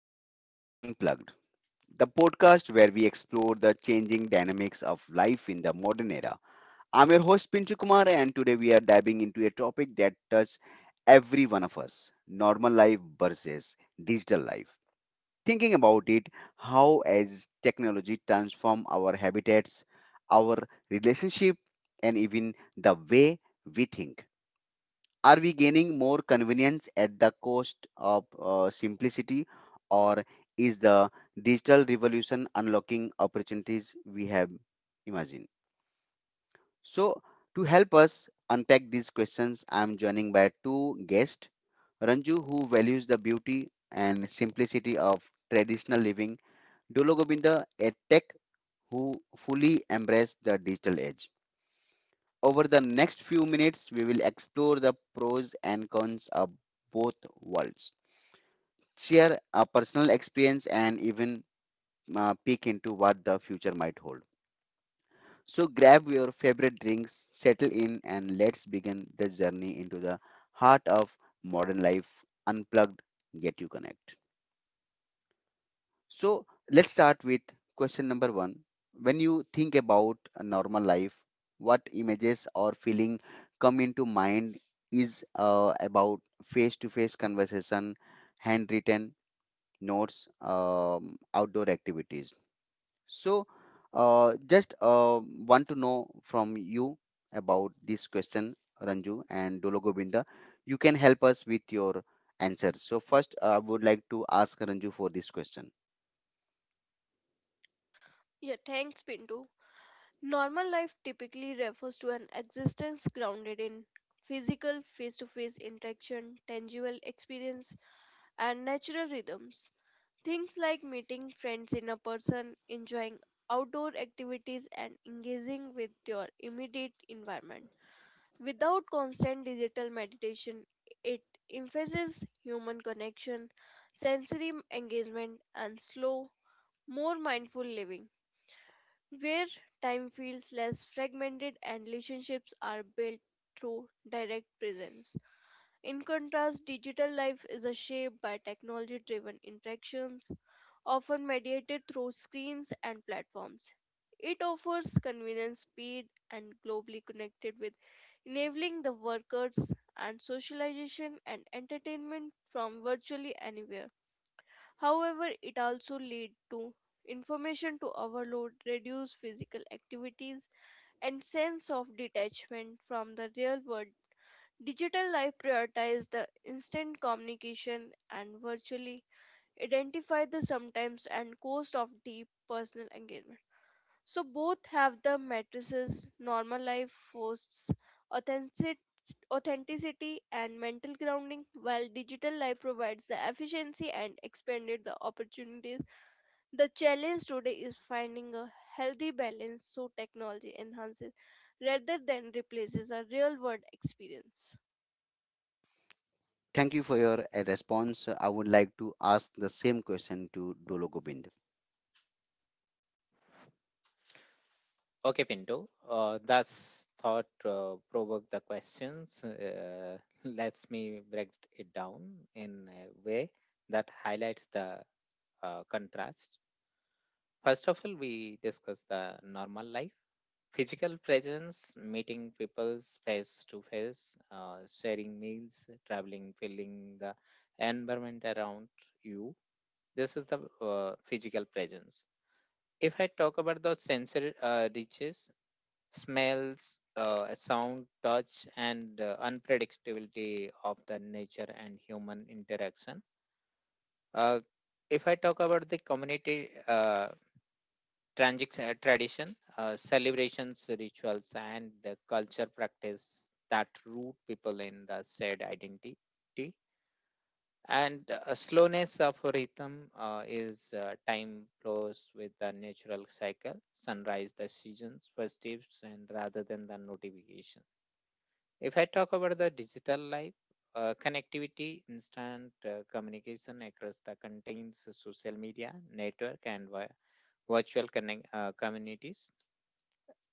Life Unplugged, the podcast where we explore the changing dynamics of life in the modern era. I'm your host Pinchu Kumar, and today we are diving into a topic that touches every one of us, normal life versus digital life. Thinking about it, how as technology transform our habitats, our relationship, and even the way we think. Are we gaining more convenience at the cost of simplicity, or is the digital revolution unlocking opportunities we have imagined? So, to help us unpack these questions, I am joining by two guests, Ranju, who values the beauty and simplicity of traditional living, Dolo Govinda, a tech who fully embraces the digital age. Over the next few minutes, we will explore the pros and cons of both worlds, share a personal experience and even peek into what the future might hold. So grab your favorite drinks, settle in, and let's begin this journey into the heart of modern life, unplugged yet you connect. So let's start with question number one. When you think about a normal life, what images or feeling come into mind, is about face-to-face conversation, handwritten notes, outdoor activities. So, just Want to know from you about this question, Ranju and Dolo Govinda. You can help us with your answers. So, first, I would like to ask Ranju for this question. Yeah, thanks, Pinto. Normal life typically refers to an existence grounded in physical, face to face interaction, tangible experience, and natural rhythms. Things like meeting friends in a person, enjoying outdoor activities, and engaging with your immediate environment. Without constant digital meditation, it emphasizes human connection, sensory engagement, and slow, more mindful living where time feels less fragmented and relationships are built through direct presence. In contrast, digital life is a shaped by technology driven interactions, often mediated through screens and platforms. It offers convenience, speed, and globally connected with enabling the workers and socialization and entertainment from virtually anywhere. However, it also lead to information to overload, reduced physical activities, and sense of detachment from the real world. Digital life prioritize the instant communication and virtually identify the sometimes and cost of deep personal engagement. So both have the matrices normal life forces authentic authenticity and mental grounding while digital life provides the efficiency and expanded the opportunities the challenge today is finding a healthy balance so technology enhances rather than replaces a real world experience. Thank you for your response. I would like to ask the same question to Dolo Govind. Okay, Pinto. That's thought provoked the questions. Us me break it down in a way that highlights the contrast. First of all, we discuss the normal life, physical presence, meeting people face to face, sharing meals, traveling, feeling the environment around you. This is the physical presence. If I talk about the sensory reaches, smells, sound, touch, and unpredictability of the nature and human interaction. Uh, if I talk about the community tradition, celebrations, rituals, and the culture practice that root people in the shared identity. And slowness of rhythm is time flows with the natural cycle, sunrise, the seasons, festives, and rather than the notifications. If I talk about the digital life, connectivity, instant communication across the contains social media, network, and virtual connect, communities.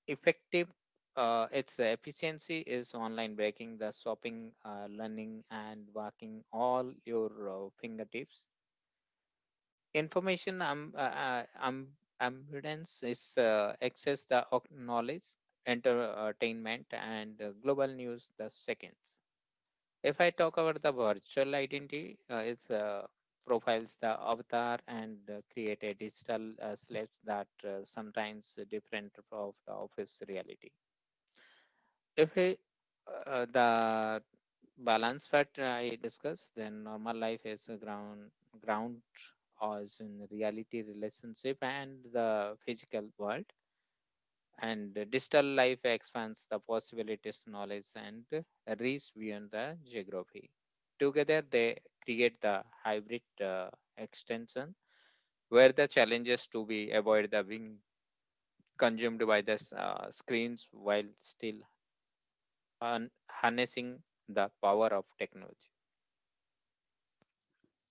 Effective, its efficiency is online breaking, the shopping, learning, and working all your fingertips. Information abundance is access the knowledge, entertainment, and global news the seconds. If I talk about the virtual identity, it's profiles the avatar and create a digital slaves that sometimes different of the office reality. If I, The balance factor I discussed, then normal life is a ground as in reality relationship and the physical world, and the digital life expands the possibilities knowledge and reach beyond the geography. Together they create the hybrid extension where the challenges to be avoided are being consumed by the screens while still harnessing the power of technology.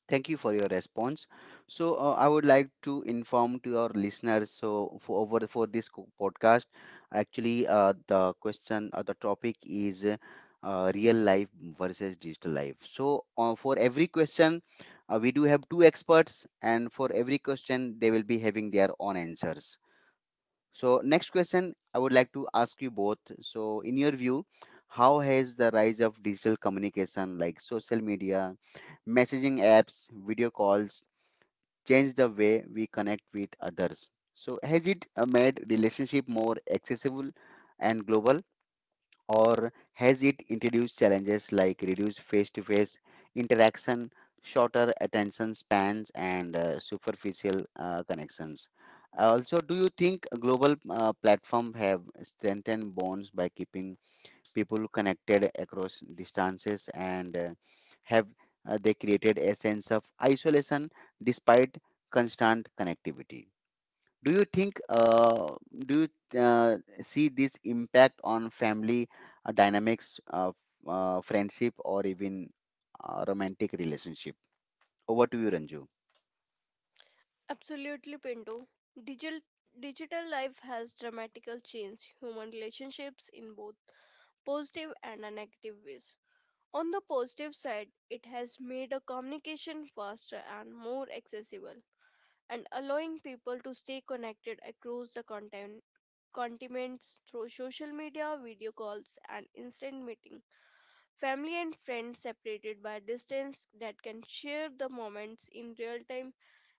Thank you for your response. So I would like to inform to our listeners. So for over for this podcast, actually the topic is real life versus digital life. So for every question, we do have two experts, and for every question they will be having their own answers. So, next question I would like to ask you both. So, in your view, how has the rise of digital communication like social media, messaging apps, video calls changed the way we connect with others? So, has it made relationship more accessible and global? Or has it introduced challenges like reduced face to face interaction, shorter attention spans, and superficial connections? Also, do you think global platforms have strengthened bonds by keeping people connected across distances, and have they created a sense of isolation despite constant connectivity? do you think uh, do you see this impact on family dynamics of friendship or even romantic relationship? Over to you, Ranju. Absolutely, Pinto. Digital digital life has dramatically changed human relationships in both positive and a negative ways. On the positive side, it has made a communication faster and more accessible. And allowing people to stay connected across the continents through social media, video calls, and instant meeting. Family and friends separated by distance that can share the moments in real time,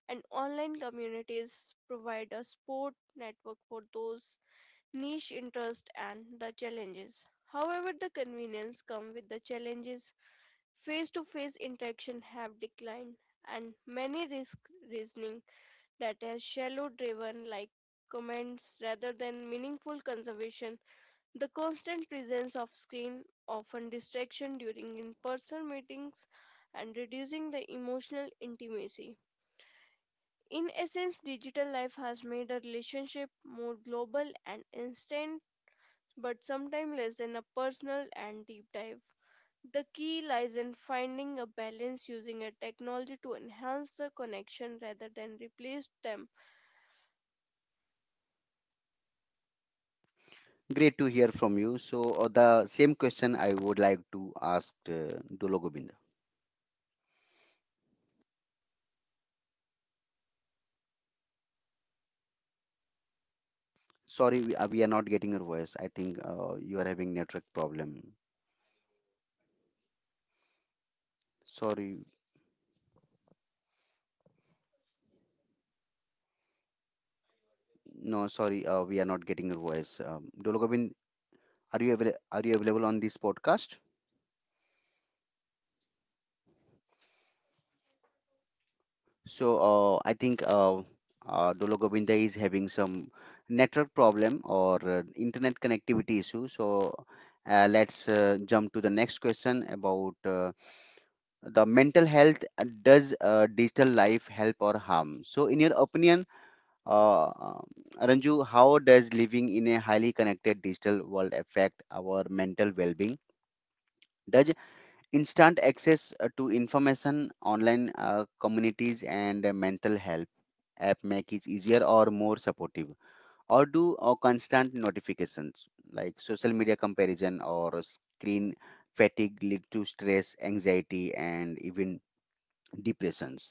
and online communities provide a support network for those niche interests and the challenges. However, the convenience come with the challenges. Face-to-face interaction have declined, and many risk reasoning that has shallow driven like comments rather than meaningful conservation. The constant presence of screen, often distraction during in person meetings, and reducing the emotional intimacy. In essence, digital life has made a relationship more global and instant, but sometimes less than a personal and deep dive. The key lies in finding a balance using a technology to enhance the connection rather than replace them. Great to hear from you. So the same question I would like to ask Dolo Gobind. Sorry, we are not getting your voice. I think you are having network problem. Sorry. No, sorry, we are not getting your voice, Dolo Gobind. Are you are you available on this podcast? So I think Dolo Govinda is having some network problem or internet connectivity issue. So let's jump to the next question about the mental health. Does digital life help or harm? So in your opinion, uh, Ranju, how does living in a highly connected digital world affect our mental well-being? Does instant access to information, online communities, and mental health app make it easier or more supportive, or do or constant notifications like social media comparison or screen fatigue lead to stress, anxiety, and even depressions?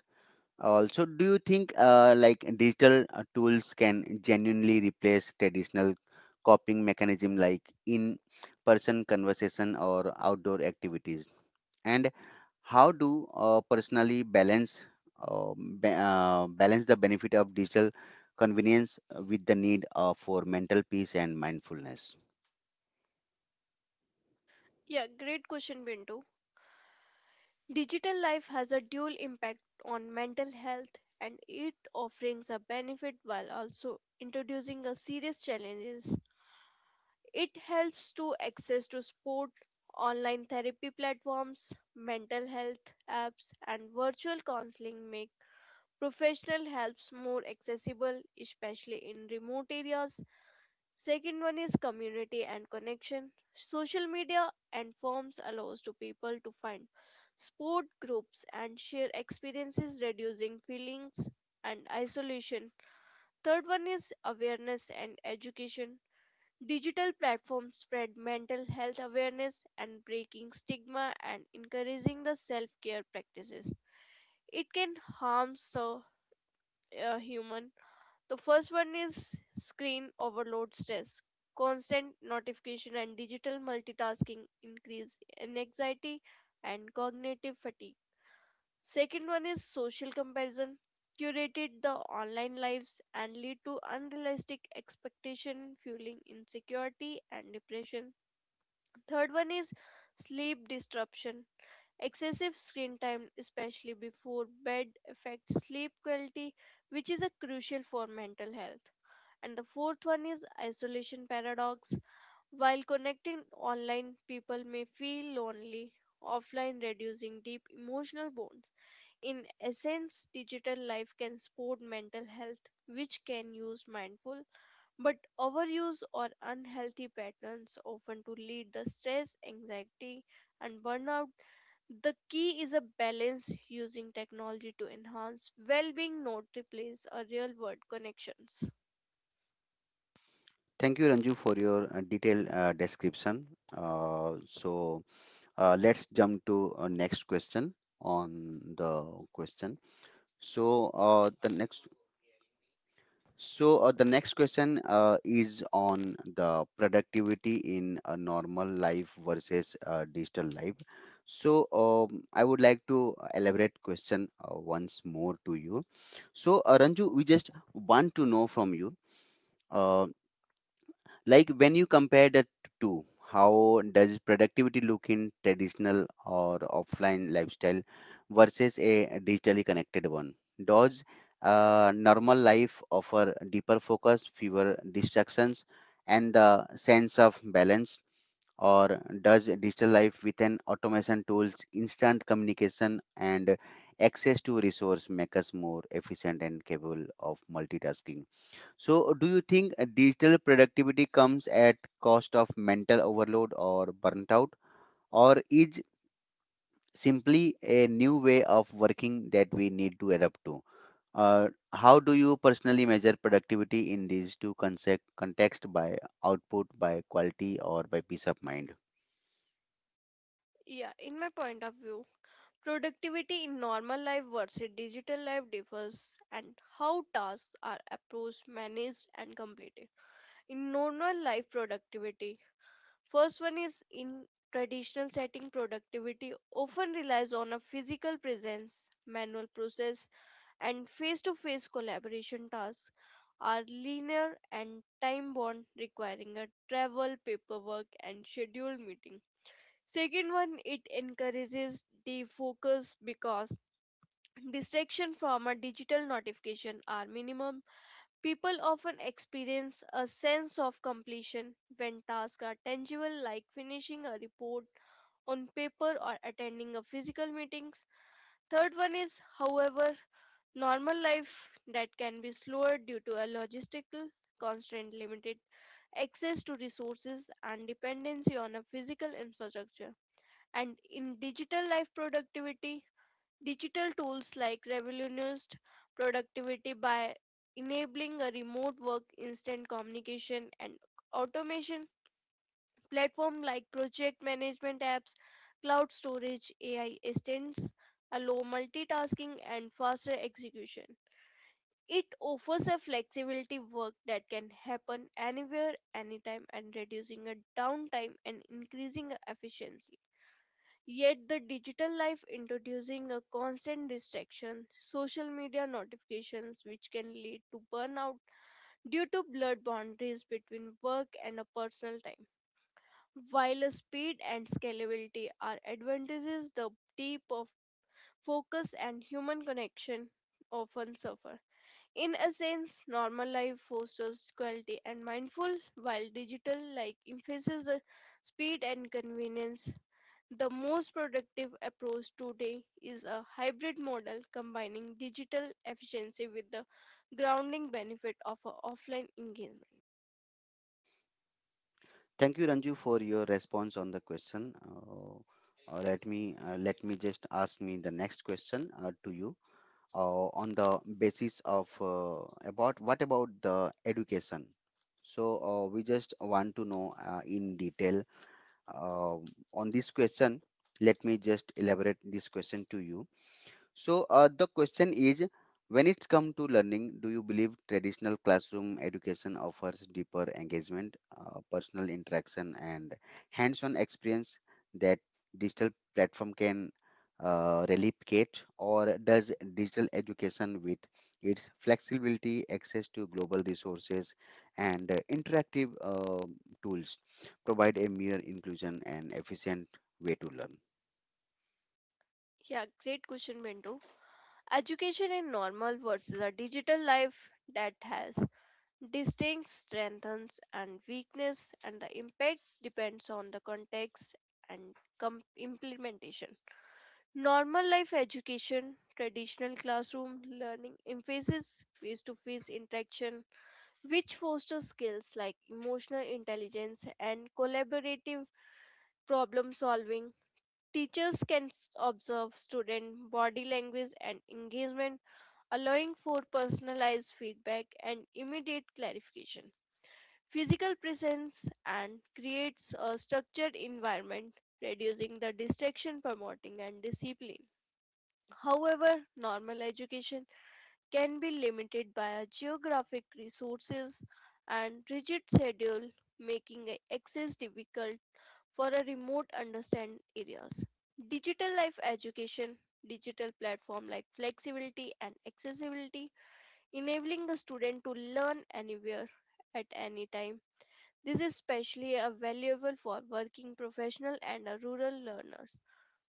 Also, do you think like digital tools can genuinely replace traditional coping mechanism like in person conversation or outdoor activities, and how do personally balance balance the benefit of digital convenience with the need for mental peace and mindfulness? Yeah, great question, Bintu. Digital life has a dual impact on mental health and it offerings a benefit while also introducing a serious challenges. It helps to access to sport, online therapy platforms, mental health apps and virtual counseling make professional helps more accessible especially in remote areas. Second one is community and connection. Social media and forms allows to people to find sport groups and share experiences reducing feelings and isolation. Third one is awareness and education. Digital platforms spread mental health awareness and breaking stigma and encouraging the self-care practices. It can harm so a human the first one is screen overload stress. Constant notification and digital multitasking increase in anxiety and cognitive fatigue. Second one is social comparison. Curated the online lives and lead to unrealistic expectation, fueling insecurity and depression. Third one is sleep disruption. Excessive screen time, especially before bed, affects sleep quality, which is a crucial for mental health. And the fourth one is isolation paradox. While connecting online, people may feel lonely offline, reducing deep emotional bonds. In essence, digital life can support mental health, which can use mindful, but overuse or unhealthy patterns often to lead the stress, anxiety, and burnout. The key is a balance using technology to enhance well-being, not replace a real-world connections. Thank you, Ranju, for your detailed description. So let's jump to next question on the question. So uh, the next the next question is on the productivity in a normal life versus digital life. So I would like to elaborate question once more to you. So Ranju, we just want to know from you. Uh, like when you compare the two, how does productivity look in traditional or offline lifestyle versus a digitally connected one? Does normal life offer deeper focus, fewer distractions, and the sense of balance, or does digital life with an automation tools, instant communication, and access to resource make us more efficient and capable of multitasking? So, do you think digital productivity comes at cost of mental overload or burnt out, or is simply a new way of working that we need to adapt to? Uh, how do you personally measure productivity in these two concept context, by output, by quality, or by peace of mind? Yeah, in my point of view. Productivity in normal life versus digital life differs and how tasks are approached, managed and completed. In normal life productivity, first one is in traditional setting productivity often relies on a physical presence, manual process and face-to-face collaboration tasks are linear and time bound requiring a travel paperwork and scheduled meeting. Second one it encourages defocus because distraction from a digital notification are minimum. People often experience a sense of completion when tasks are tangible like finishing a report on paper or attending a physical meetings. Third one is however normal life that can be slower due to a logistical constraint limited access to resources and dependency on a physical infrastructure and in digital life productivity. Digital tools like revolutionized productivity by enabling a remote work, instant communication, and automation. Platform like project management apps, cloud storage, AI assistants allow multitasking and faster execution. It offers a flexibility work that can happen anywhere, anytime, and reducing a downtime and increasing efficiency. Yet the digital life introducing a constant distraction, social media notifications which can lead to burnout due to blurred boundaries between work and a personal time. While speed and scalability are advantages, the deep of focus and human connection often suffer. In a sense, normal life fosters quality and mindful, while digital like emphasizes the speed and convenience, the most productive approach today is a hybrid model combining digital efficiency with the grounding benefit of a offline engagement. Thank you, Ranju, for your response on the question. Let me just ask me the next question to you on the basis of about what about the education. So we just want to know in detail uh, on this question. Let me just elaborate this question to you. So the question is, when it's come to learning, do you believe traditional classroom education offers deeper engagement, personal interaction, and hands-on experience that digital platform can replicate, or does digital education with its flexibility, access to global resources, and interactive tools provide a mere inclusion and efficient way to learn? Yeah, great question, Bindu. Education in normal versus a digital life that has distinct strengths and weakness, and the impact depends on the context and implementation. Normal life education, traditional classroom learning emphasis face to face interaction which foster skills like emotional intelligence and collaborative problem solving. Teachers can observe student body language and engagement, allowing for personalized feedback and immediate clarification. Physical presence and creates a structured environment, reducing the distraction, promoting and discipline. However, normal education can be limited by geographic resources and rigid schedule, making access difficult for a remote understand areas. Digital life education, digital platform like flexibility and accessibility, enabling a student to learn anywhere at any time. This is especially valuable for working professional and rural learners.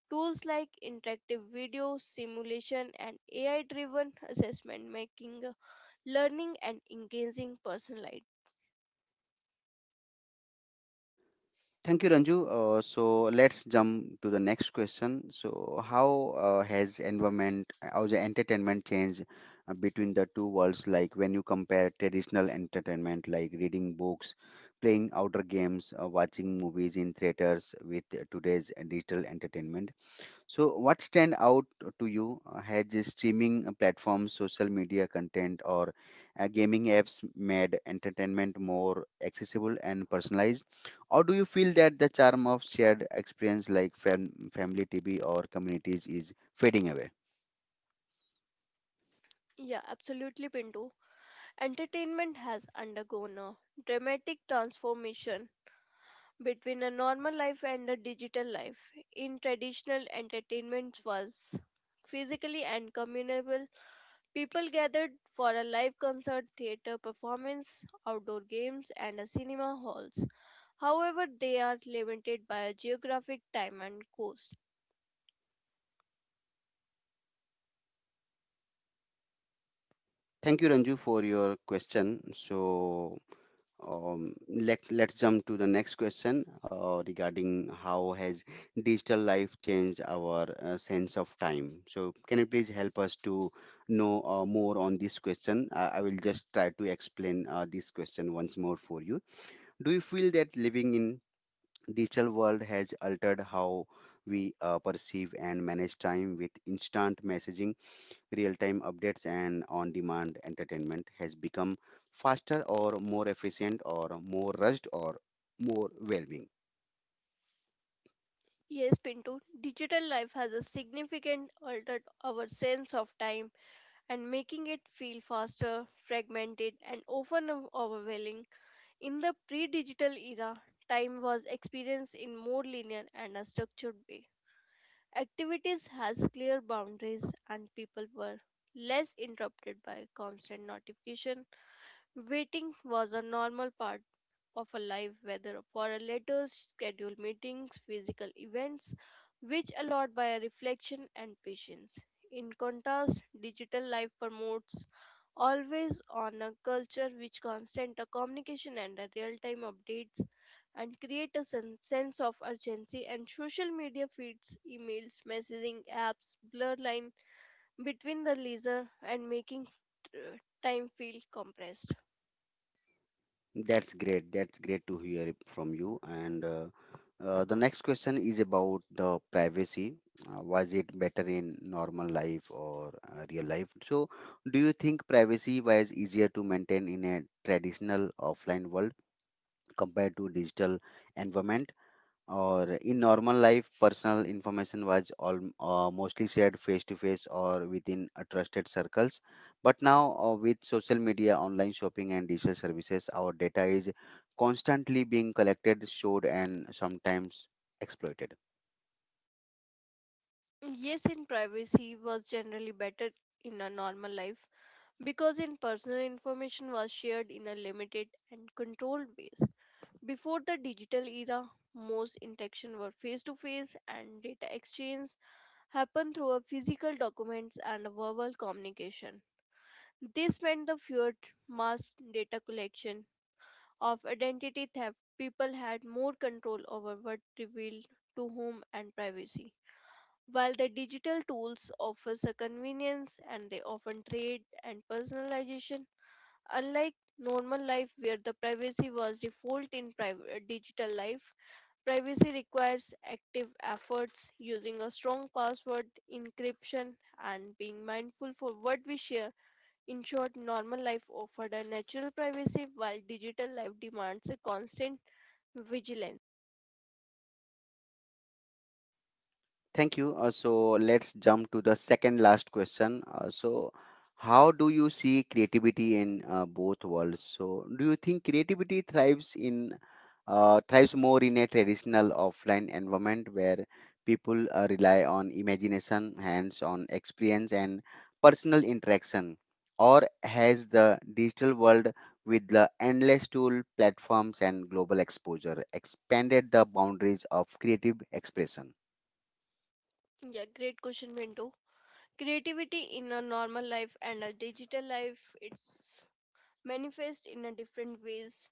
Tools like interactive video, simulation, and AI driven assessment making learning and engaging personal life. Thank you, Ranju. So let's jump to the next question. So, how how the entertainment changed between the two worlds? Like when you compare traditional entertainment, like reading books, playing outdoor games, watching movies in theaters, with today's digital entertainment. So, what stand out to you? Has the streaming platforms, social media content, or gaming apps made entertainment more accessible and personalized? Or do you feel that the charm of shared experience like family TV or communities is fading away? Yeah, absolutely, Pinto. Entertainment has undergone a dramatic transformation between a normal life and a digital life. In traditional entertainment was physically and communal. People gathered for a live concert, theater performance, outdoor games, and a cinema halls. However, they are limited by a geographic time and cost. Thank you, Ranju, for your question. So let's jump to the next question regarding how has digital life changed our sense of time. So can you please help us to know more on this question? I will just try to explain this question once more for you. Do you feel that living in digital world has altered how we perceive and manage time, with instant messaging, real-time updates, and on-demand entertainment, has become faster or more efficient or more rushed or more whelming? Yes, Pinto, digital life has a significant altered our sense of time and making it feel faster, fragmented, and often overwhelming. In the pre digital era, time was experienced in more linear and a structured way. Activities has clear boundaries and people were less interrupted by constant notification. Waiting was a normal part of a life, whether for a letters, scheduled meetings, physical events, which allowed by a reflection and patience. In contrast, digital life promotes always on a culture which constant a communication and a real-time updates and create a sense of urgency and social media feeds emails messaging apps blur line between the leisure and making uh, time feel compressed. That's great. That's great to hear it from you. And The next question is about the privacy. Was it better in normal life or real life? So, do you think privacy was easier to maintain in a traditional offline world compared to digital environment? Or in normal life, personal information was all, mostly shared face to face or within trusted circles. But now, with social media, online shopping, and digital services, our data is constantly being collected, stored, and sometimes exploited. Yes, in privacy was generally better in a normal life because in personal information was shared in a limited and controlled ways. Before the digital era, most interaction were face to face and data exchange happened through a physical documents and a verbal communication. This meant the feared mass data collection of identity theft. People had more control over what revealed to whom and privacy. While the digital tools offers a convenience and they often trade and personalization, unlike normal life where the privacy was default in private digital life, privacy requires active efforts using a strong password, encryption, and being mindful for what we share. In short, normal life offered a natural privacy while digital life demands a constant vigilance. Thank you. So let's jump to the second last question. So, how do you see creativity in both worlds? So, do you think creativity thrives in thrives more in a traditional offline environment where people rely on imagination, hands-on experience, and personal interaction, or has the digital world with the endless tool platforms and global exposure expanded the boundaries of creative expression? Yeah, great question, Window. Creativity in a normal life and a digital life, it's manifest in a different ways.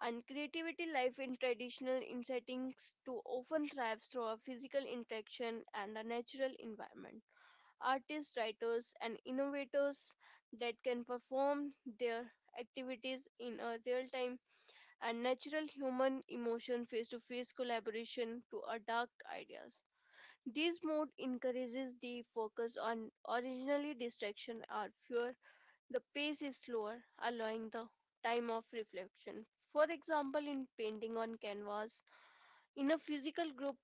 And creativity life in traditional in settings to often thrives through a physical interaction and a natural environment. Artists, writers, and innovators that can perform their activities in a real time and natural human emotion face to face collaboration to adapt ideas. This mode encourages the focus on originally distraction or fear. The pace is slower, allowing the time of reflection. For example, in painting on canvas, in a physical group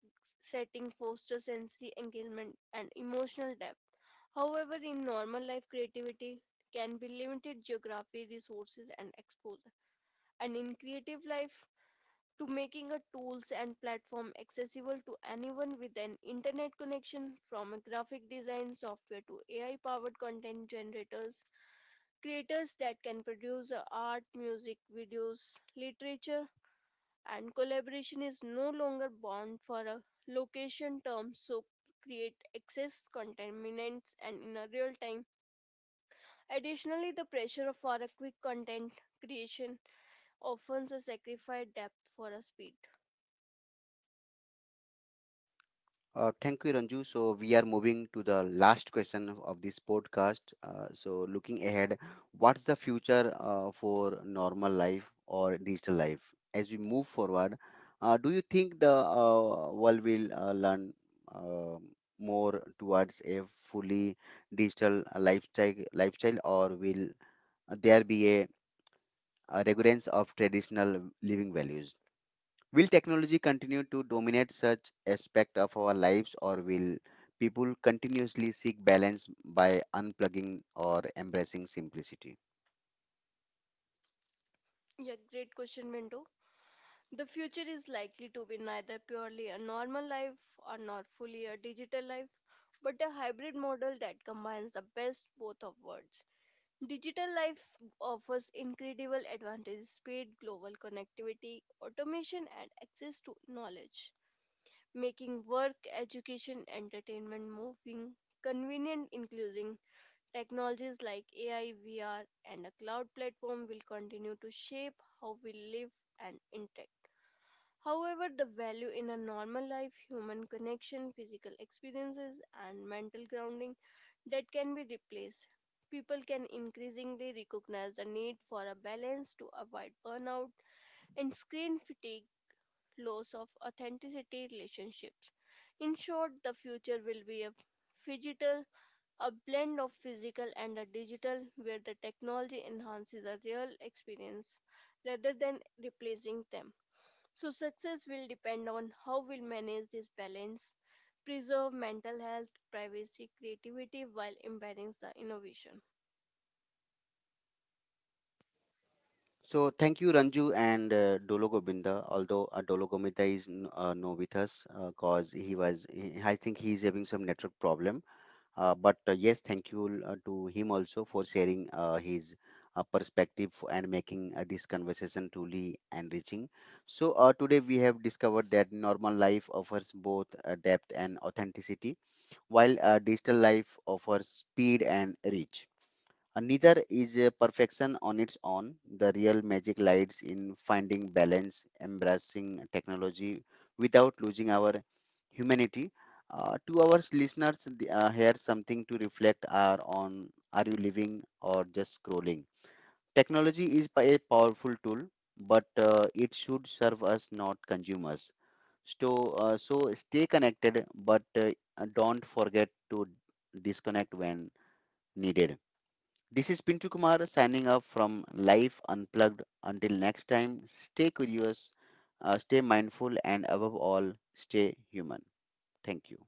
setting fosters sensory engagement and emotional depth. However, in normal life, creativity can be limited geography, resources, and exposure. And in creative life, to making a tools and platform accessible to anyone with an internet connection from a graphic design software to AI powered content generators, creators that can produce art, music, videos, literature, and collaboration is no longer bound for a location term so create access contaminants and in a real time. Additionally, the pressure for a quick content creation often sacrifice depth for a speed. Thank you, Ranju. So we are moving to the last question of this podcast. So looking ahead, what's the future for normal life or digital life? As we move forward, do you think the world will learn uh, more towards a fully digital lifestyle, or will there be a recurrence of traditional living values? Will technology continue to dominate such aspect of our lives, or will people continuously seek balance by unplugging or embracing simplicity? Yeah, great question, Minto. The future is likely to be neither purely a normal life or not fully a digital life, but a hybrid model that combines the best both of worlds. Digital life offers incredible advantages, speed, global connectivity, automation, and access to knowledge, making work, education, entertainment, moving, convenient, including technologies like AI, VR, and a cloud platform will continue to shape how we live and interact. However, the value in a normal life, human connection, physical experiences, and mental grounding that can be replaced. People can increasingly recognize the need for a balance to avoid burnout and screen fatigue, loss of authenticity, relationships. In short, the future will be a digital, a blend of physical and a digital, where the technology enhances a real experience rather than replacing them. So, success will depend on how we'll manage this balance, preserve mental health, privacy, creativity while embedding the innovation. So thank you, Ranju, and Dolo Govinda, although Dolo Govinda is no with us because I think he is having some network problem. But yes, thank you to him also for sharing his perspective and making this conversation truly enriching. So, today we have discovered that normal life offers both depth and authenticity, while digital life offers speed and reach. And neither is a perfection on its own. The real magic lies in finding balance, embracing technology without losing our humanity. To our listeners, here's something to reflect are on, are you living or just scrolling? Technology is a powerful tool, but it should serve us, not consume us. So, so stay connected, but don't forget to disconnect when needed. This is Pintu Kumar signing off from Life Unplugged. Until next time, stay curious, stay mindful, and above all, stay human. Thank you.